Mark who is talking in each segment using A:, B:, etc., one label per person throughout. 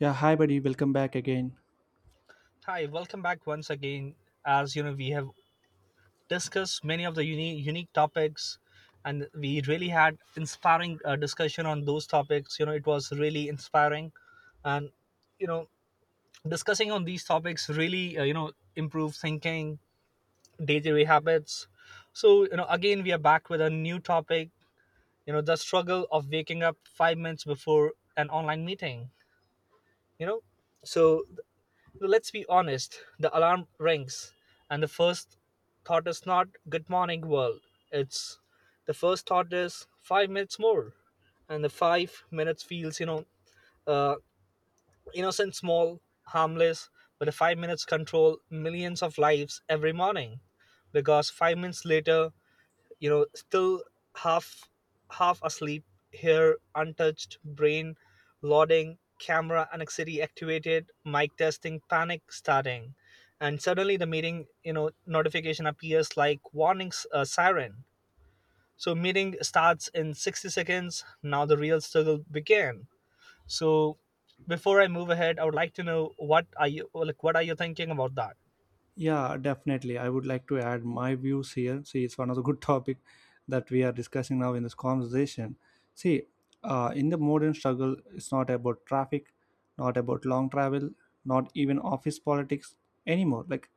A: Yeah, hi buddy, welcome back again.
B: Hi, welcome back once again. As you know, we have discussed many of the unique, unique topics, and we really had inspiring discussion on those topics. It was really inspiring, and you know, discussing on these topics really improve thinking, day-to-day habits. So again, we are back with a new topic. The struggle of waking up 5 minutes before an online meeting. You know, so So let's be honest, the alarm rings, and the first thought is not good morning world. It's The first thought is 5 minutes more, and the 5 minutes feels uh, innocent, small, harmless, but the 5 minutes control millions of lives every morning, because 5 minutes later still half half asleep, hair untouched, brain loading, camera anxiety activated, mic testing, panic starting. And suddenly the meeting notification appears like warnings siren. So meeting starts in 60 seconds, now the real struggle began. So before I move ahead, I would like to know what are you thinking about that.
A: Yeah, definitely. I would like to add my views here. See, it's one of the good topic that we are discussing now in this conversation. See, in the modern struggle, it's not about traffic, not about long travel, not even office politics anymore. Like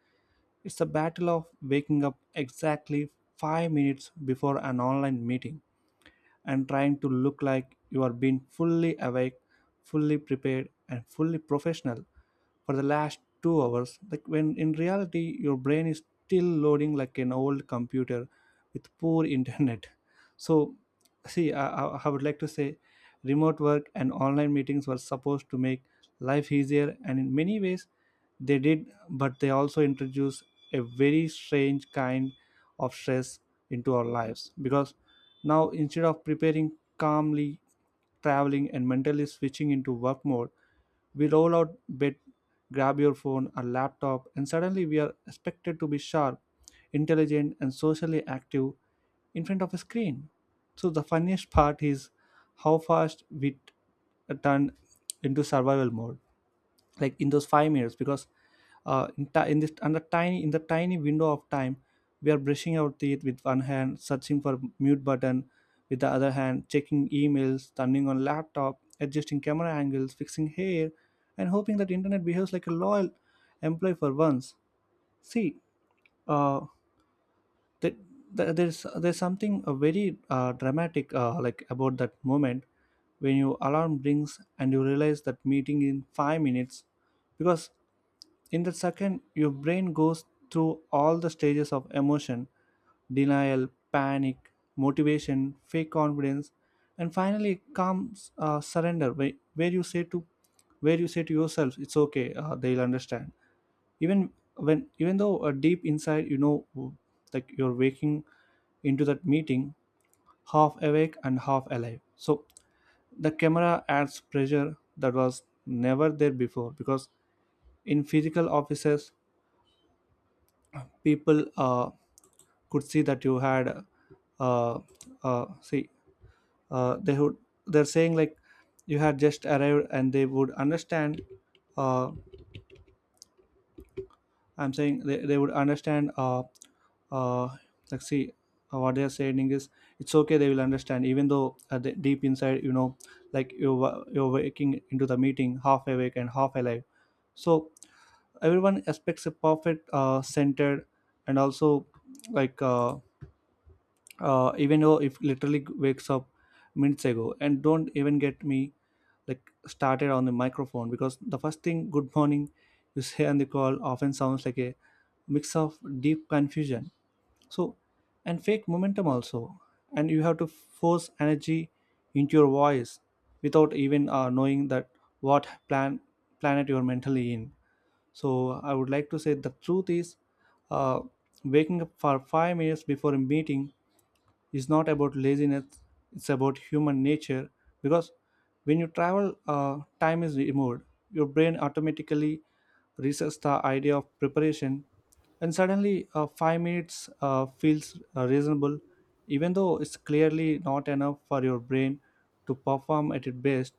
A: it's the battle of waking up exactly 5 minutes before an online meeting and trying to look like you are being fully awake, fully prepared, and fully professional for the last 2 hours. Like when in reality, your brain is still loading like an old computer with poor internet. So, see, I would like to say remote work and online meetings were supposed to make life easier, and in many ways, they did, but they also introduced a very strange kind of stress into our lives because now, instead of preparing calmly, traveling, and mentally switching into work mode, we roll out bed, grab your phone or laptop, and suddenly we are expected to be sharp, intelligent, and socially active in front of a screen. So the funniest part is how fast we turn into survival mode, like in those 5 minutes, because in, ti in this and the tiny in the tiny window of time, we are brushing our teeth with one hand, searching for mute button with the other hand, checking emails, turning on laptop, adjusting camera angles, fixing hair, and hoping that internet behaves like a loyal employee for once. See, uh, that that there's something very dramatic, like, about that moment when your alarm rings and you realize that meeting in 5 minutes, because in that second, your brain goes through all the stages of emotion: denial, panic, motivation, fake confidence, and finally comes surrender, where, you say to yourself, "It's okay, they'll understand." Even Even though deep inside you know, like, you're waking into that meeting half awake and half alive. So the camera adds pressure that was never there before, because in physical offices people could see that you had uh, see they would, they're saying like you had just arrived and they would understand. Uh, i'm saying they, they would understand, uh, like see what they are saying is it's okay, they will understand, even though deep inside you know, like you you're waking into the meeting half awake and half alive. So everyone expects a perfect, centered, and also, like uh, even though if literally wakes up minutes ago, and don't even get me, like, started on the microphone, because the first thing good morning you say on the call often sounds like a mix of deep confusion, so, and fake momentum also, and you have to force energy into your voice without even knowing that what planet you're mentally in. So I would like to say the truth is, uh, waking up for 5 minutes before a meeting is not about laziness, it's about human nature, because when you travel, time is removed, your brain automatically resets the idea of preparation, and suddenly, 5 minutes feels reasonable, even though it's clearly not enough for your brain to perform at its best.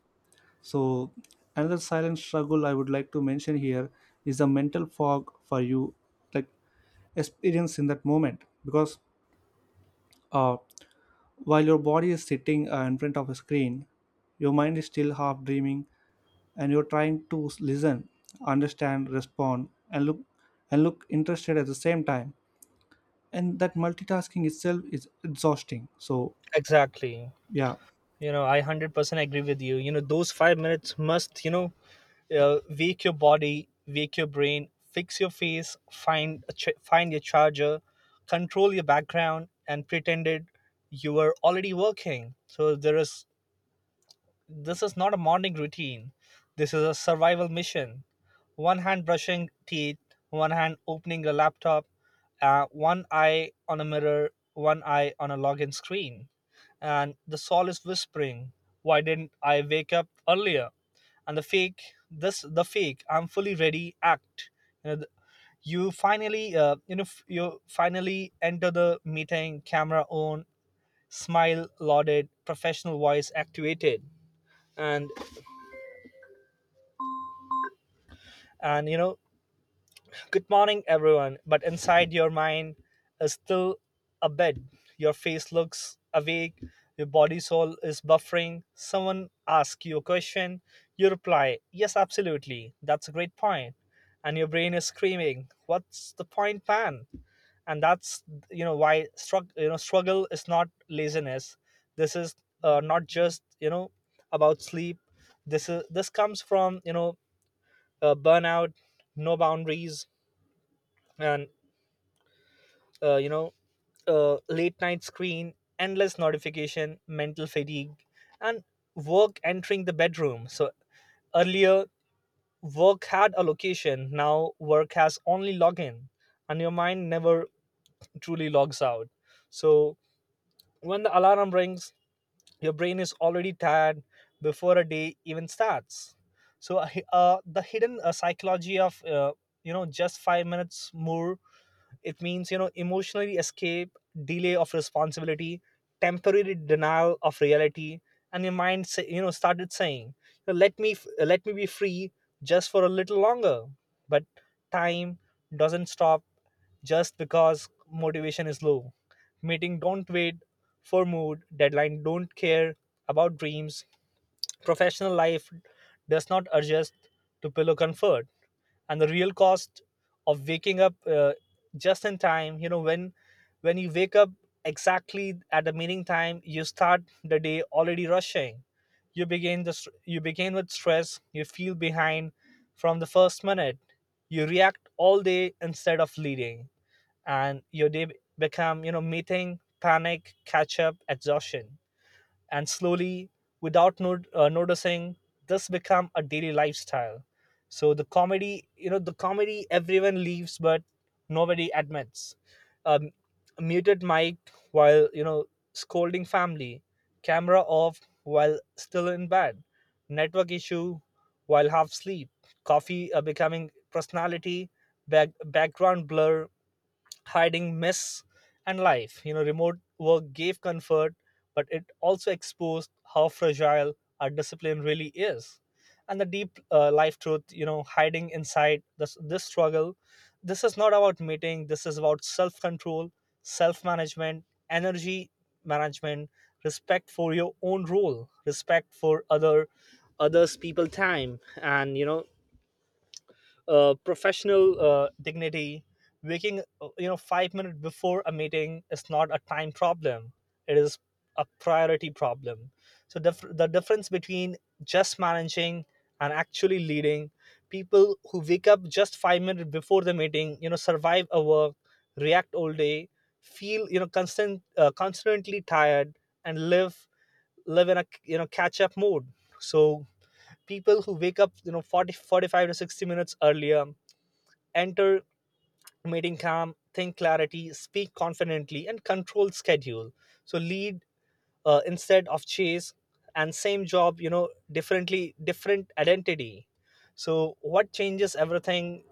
A: So another silent struggle I would like to mention here is the mental fog for you, like, experience in that moment, because uh, while your body is sitting in front of a screen, your mind is still half dreaming, and you're trying to listen, understand, respond, and look interested at the same time. And that multitasking itself is exhausting. So,
B: Exactly.
A: yeah.
B: I 100% agree with you. You know Those 5 minutes must, wake your body, wake your brain, fix your face, find your charger, control your background, and pretended you were already working. So there is this is not a morning routine. This is a survival mission: one hand brushing teeth, one hand opening a laptop, one eye on a mirror, one eye on a login screen. And the soul is whispering, "Why didn't I wake up earlier?" And the fake, "I'm fully ready" act. You know, the- you finally, you finally enter the meeting, camera on, smile lauded, professional voice activated. And, and, "Good morning, everyone." But inside, your mind is still a bed. Your face looks awake. Your body soul is buffering. Someone asks you a question. You reply, "Yes, absolutely. That's a great point." And your brain is screaming, "What's the point, man?" And that's why struggle. You know, struggle is not laziness. This is not just about sleep. This comes from burnout, no boundaries, and uh, you know late night screen, endless notification, mental fatigue, and work entering the bedroom. So earlier, work had a location, now work has only login, and your mind never truly logs out. So when the alarm rings, your brain is already tired before a day even starts. So the hidden psychology of just 5 minutes more, it means, emotionally escape, delay of responsibility, temporary denial of reality, and your mind, say, started saying, "Let me be free just for a little longer." But time doesn't stop just because motivation is low. Meeting don't wait for mood, deadline don't care about dreams, professional life does not adjust to pillow comfort, and the real cost of waking up just in time. You know, when you wake up exactly at the meeting time, you start the day already rushing. You begin with stress. You feel behind from the first minute. You react all day instead of leading, and your day become meeting, panic, catch up, exhaustion, and slowly, without noticing, this become a daily lifestyle. So the comedy, everyone leaves but nobody admits: um, a muted mic while scolding family, camera off while still in bed, network issue while half sleep, coffee becoming personality, back, background blur hiding mess and life. Remote work gave comfort, but it also exposed how fragile our discipline really is. And the deep life truth, hiding inside this struggle. This is not about meeting, this is about self control, self management, energy management, respect for your own role, respect for other others people time, and professional dignity. Waking 5 minutes before a meeting is not a time problem, it is a priority problem. So the difference between just managing and actually leading: people who wake up just 5 minutes before the meeting, survive a work, react all day, feel constantly tired, and live in a catch up mode. So people who wake up, 40 45 to 60 minutes earlier, enter meeting calm, think clarity, speak confidently, and control schedule. So lead instead of chase, and same job, differently, different identity. So what changes everything?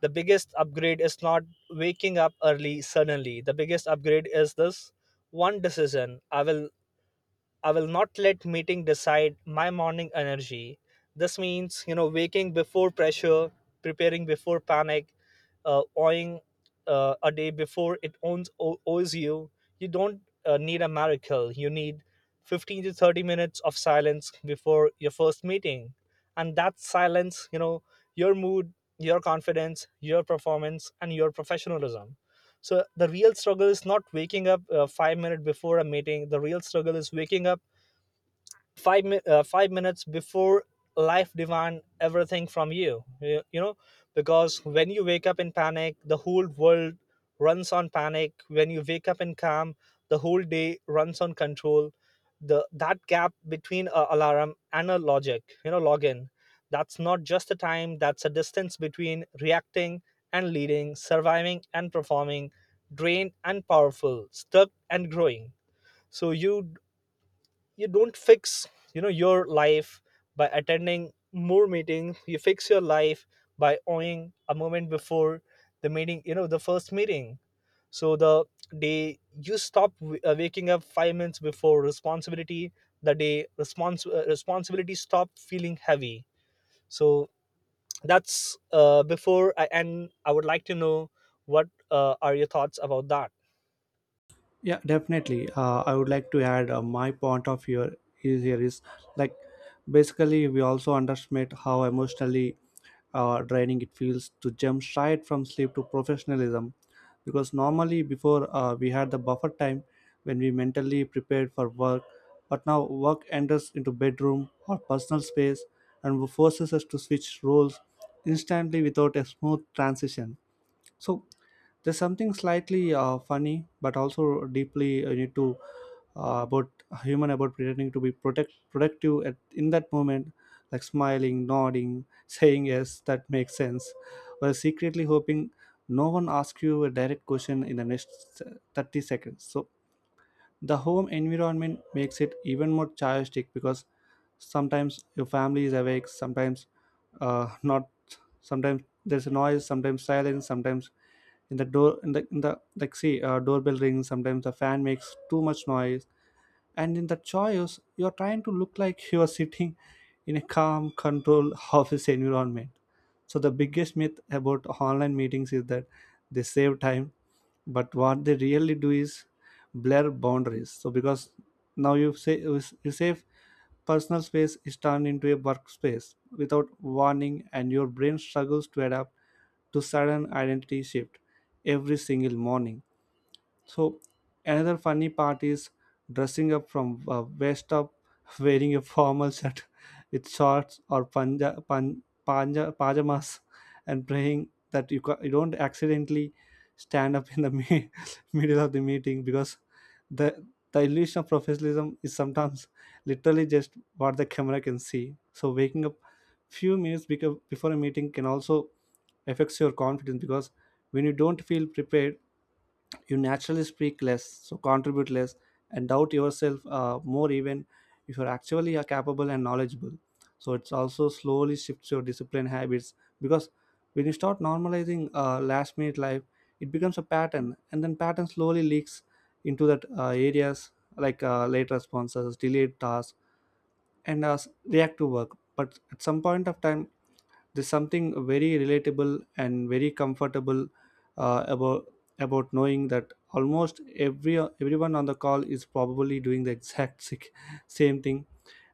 B: The biggest upgrade is not waking up early suddenly, the biggest upgrade is this one decision: I will not let meeting decide my morning energy. This means, waking before pressure, preparing before panic, owing a day before it owes you. You don't need a miracle. You need 15 to 30 minutes of silence before your first meeting. And that silence, your mood, your confidence, your performance, and your professionalism. So the real struggle is not waking up 5 minutes before a meeting. The real struggle is waking up 5 minutes before life demand everything from you you you know Because when you wake up in panic, the whole world runs on panic. When you wake up in calm, the whole day runs on control. The that gap between a alarm and a logic you know login, that's not just a time, that's a distance between reacting and leading, surviving and performing, drained and powerful, stuck and growing. So you don't fix your life by attending more meetings, you fix your life by owning a moment before the meeting, the first meeting. So the day you stop waking up 5 minutes before responsibility, the day responsibility stop feeling heavy. So that's, before I end, I would like to know what are your thoughts about that.
A: Yeah, definitely. I would like to add my point of view is here is, like, basically we also underestimate how emotionally draining it feels to jump straight from sleep to professionalism, because normally before, we had the buffer time when we mentally prepared for work, but now work enters into bedroom or personal space and forces us to switch roles instantly without a smooth transition. So there's something slightly funny, but also deeply, you need to about human about pretending to be protect productive at in that moment, like smiling, nodding, saying yes, that makes sense, while secretly hoping no one asks you a direct question in the next 30 seconds. So the home environment makes it even more chaotic, because sometimes your family is awake, sometimes not, sometimes there's a noise, sometimes silence, sometimes in the door in the like see doorbell rings, sometimes the fan makes too much noise, and in the choice you're trying to look like you're sitting in a calm, controlled office environment. So the biggest myth about online meetings is that they save time, but what they really do is blur boundaries. So because now you say you save — personal space is turned into a workspace without warning, and your brain struggles to adapt to sudden identity shift every single morning. So another funny part is dressing up from, waist up, wearing a formal shirt with shorts or pajamas, and praying that you don't accidentally stand up in the middle of the meeting, because the illusion of professionalism is sometimes literally just what the camera can see. So waking up few minutes before a meeting can also affects your confidence, because when you don't feel prepared, you naturally speak less, so contribute less, and doubt yourself more, even if you're actually are capable and knowledgeable. So it's also slowly shifts your discipline habits, because when you start normalizing last minute life, it becomes a pattern, and then pattern slowly leaks into that areas, like late responses, delayed tasks, and reactive work. But at some point of time, there's something very relatable and very comfortable, uh, about about knowing that almost everyone on the call is probably doing the exact same thing: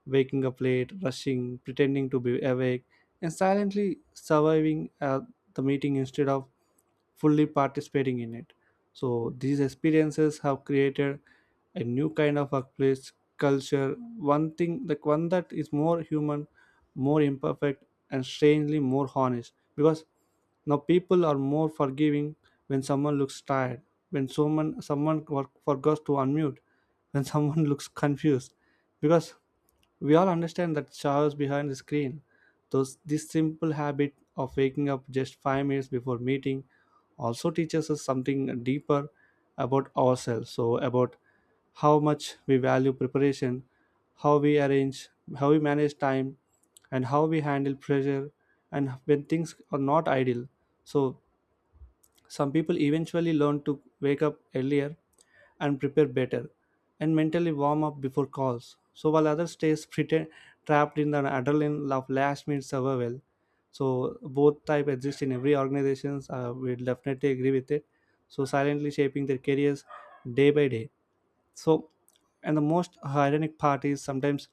A: waking up late, rushing, pretending to be awake, and silently surviving the meeting instead of fully participating in it. So these experiences have created a new kind of workplace culture, one thing like one that is more human, more imperfect, and strangely more honest. Because now people are more forgiving when someone looks tired, when someone forgets to unmute, when someone looks confused, because we all understand that chaos behind the screen. Those this simple habit of waking up just 5 minutes before meeting also teaches us something deeper about ourselves, so about how much we value preparation, how we arrange, how we manage time, and how we handle pressure, and when things are not ideal. So some people eventually learn to wake up earlier and prepare better and mentally warm up before calls. So while others stays pretend, trapped in the adrenaline of last minute survival. So both type exist in every organizations. We definitely agree with it. So silently shaping their careers day by day. So, and the most ironic part is sometimes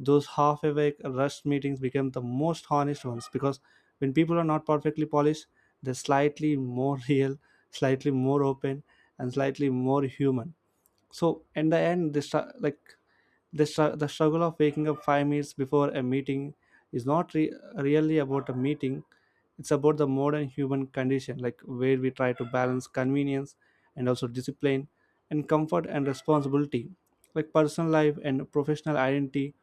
A: those half awake rushed meetings become the most honest ones, because when people are not perfectly polished, they're slightly more real, slightly more open, and slightly more human. So in the end, the struggle of waking up 5 minutes before a meeting is not really about a meeting, it's about the modern human condition, like where we try to balance convenience and also discipline, and comfort and responsibility, like personal life and professional identity,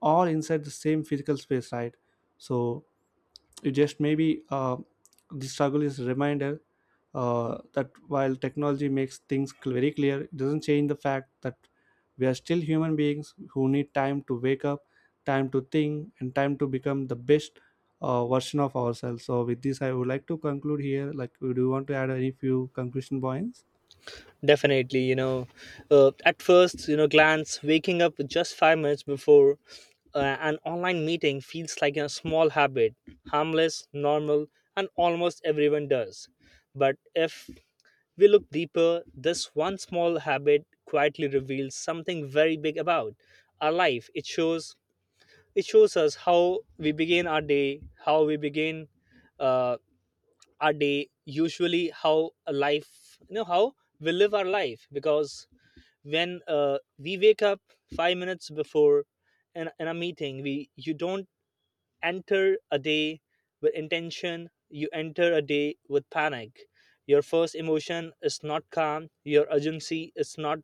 A: all inside the same physical space, right? So you just maybe, the struggle is a reminder that while technology makes things very clear, it doesn't change the fact that we are still human beings who need time to wake up, time to think, and time to become the best version of ourselves. So, with this, I would like to conclude here. Like, do you want to add any few conclusion points?
B: Definitely, at first, glance, waking up just 5 minutes before an online meeting feels like a small habit, harmless, normal, and almost everyone does. But if we look deeper, this one small habit quietly reveals something very big about our life. It shows us how we begin our day, how we begin uh, our day usually, how a life, how we live our life, because when we wake up 5 minutes before in a meeting, we you don't enter a day with intention, you enter a day with panic. Your first emotion is not calm, your urgency is not,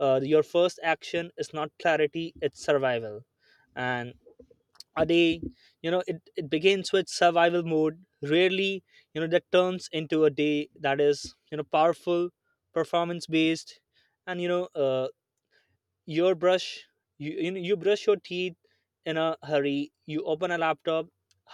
B: your first action is not clarity, it's survival. And a day, it begins with survival mode rarely, that turns into a day that is, powerful, performance based. And your brush you brush your teeth in a hurry, you open a laptop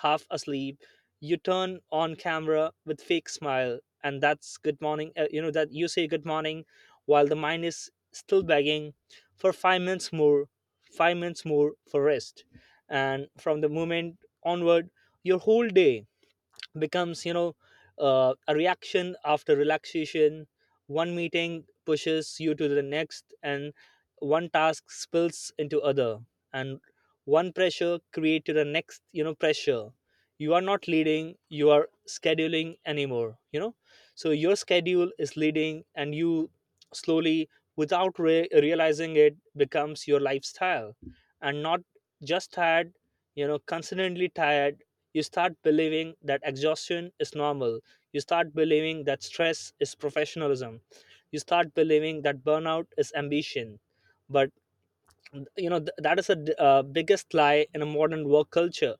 B: half asleep, you turn on camera with fake smile and that's good morning, that you say good morning while the mind is still begging for 5 minutes more, 5 minutes more for rest. And from the moment onward, your whole day becomes, a reaction after relaxation. One meeting pushes you to the next, and one task spills into other, and one pressure creates the next pressure. You are not leading, you are scheduling anymore, so your schedule is leading and you slowly, without realizing, it becomes your lifestyle. And not just tired, constantly tired, you start believing that exhaustion is normal. You start believing that stress is professionalism. You start believing that burnout is ambition. But that is the biggest lie in a modern work culture,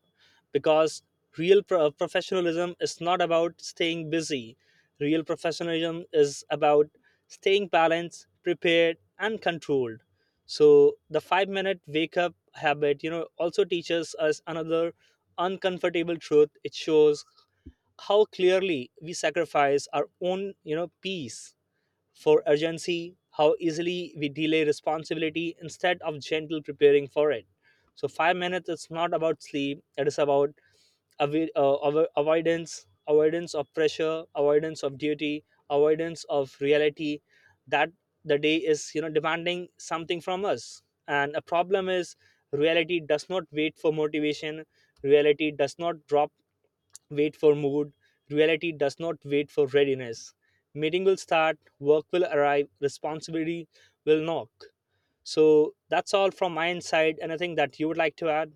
B: because professionalism is not about staying busy. Real professionalism is about staying balanced, prepared, and controlled. So the 5-minute wake up habit, also teaches us another uncomfortable truth. It shows how clearly we sacrifice our own, peace for urgency, how easily we delay responsibility instead of gentle preparing for it. So, 5 minutes is not about sleep, it is about avoidance, avoidance of pressure, avoidance of duty, avoidance of reality, that the day is, demanding something from us, and a problem is: reality does not wait for motivation, reality does not drop wait for mood. Reality does not wait for readiness. Meeting will start, work will arrive, responsibility will knock. So that's all from my inside. Anything that you would like to add?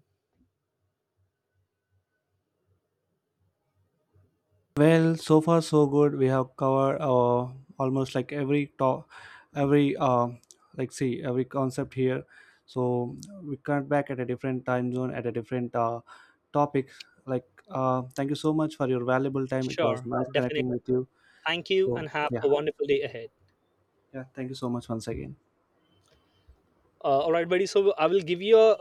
A: Well, so far so good. We have covered almost like every like see every concept here. So we come back at a different time zone at a different topic. Like, thank you so much for your valuable time. It was
B: Sure,
A: nice
B: definitely.
A: connecting with you.
B: Thank you
A: So
B: and have a
A: yeah,
B: wonderful day ahead.
A: yeah. Thank you so much once again.
B: All right, buddy. So I will give you a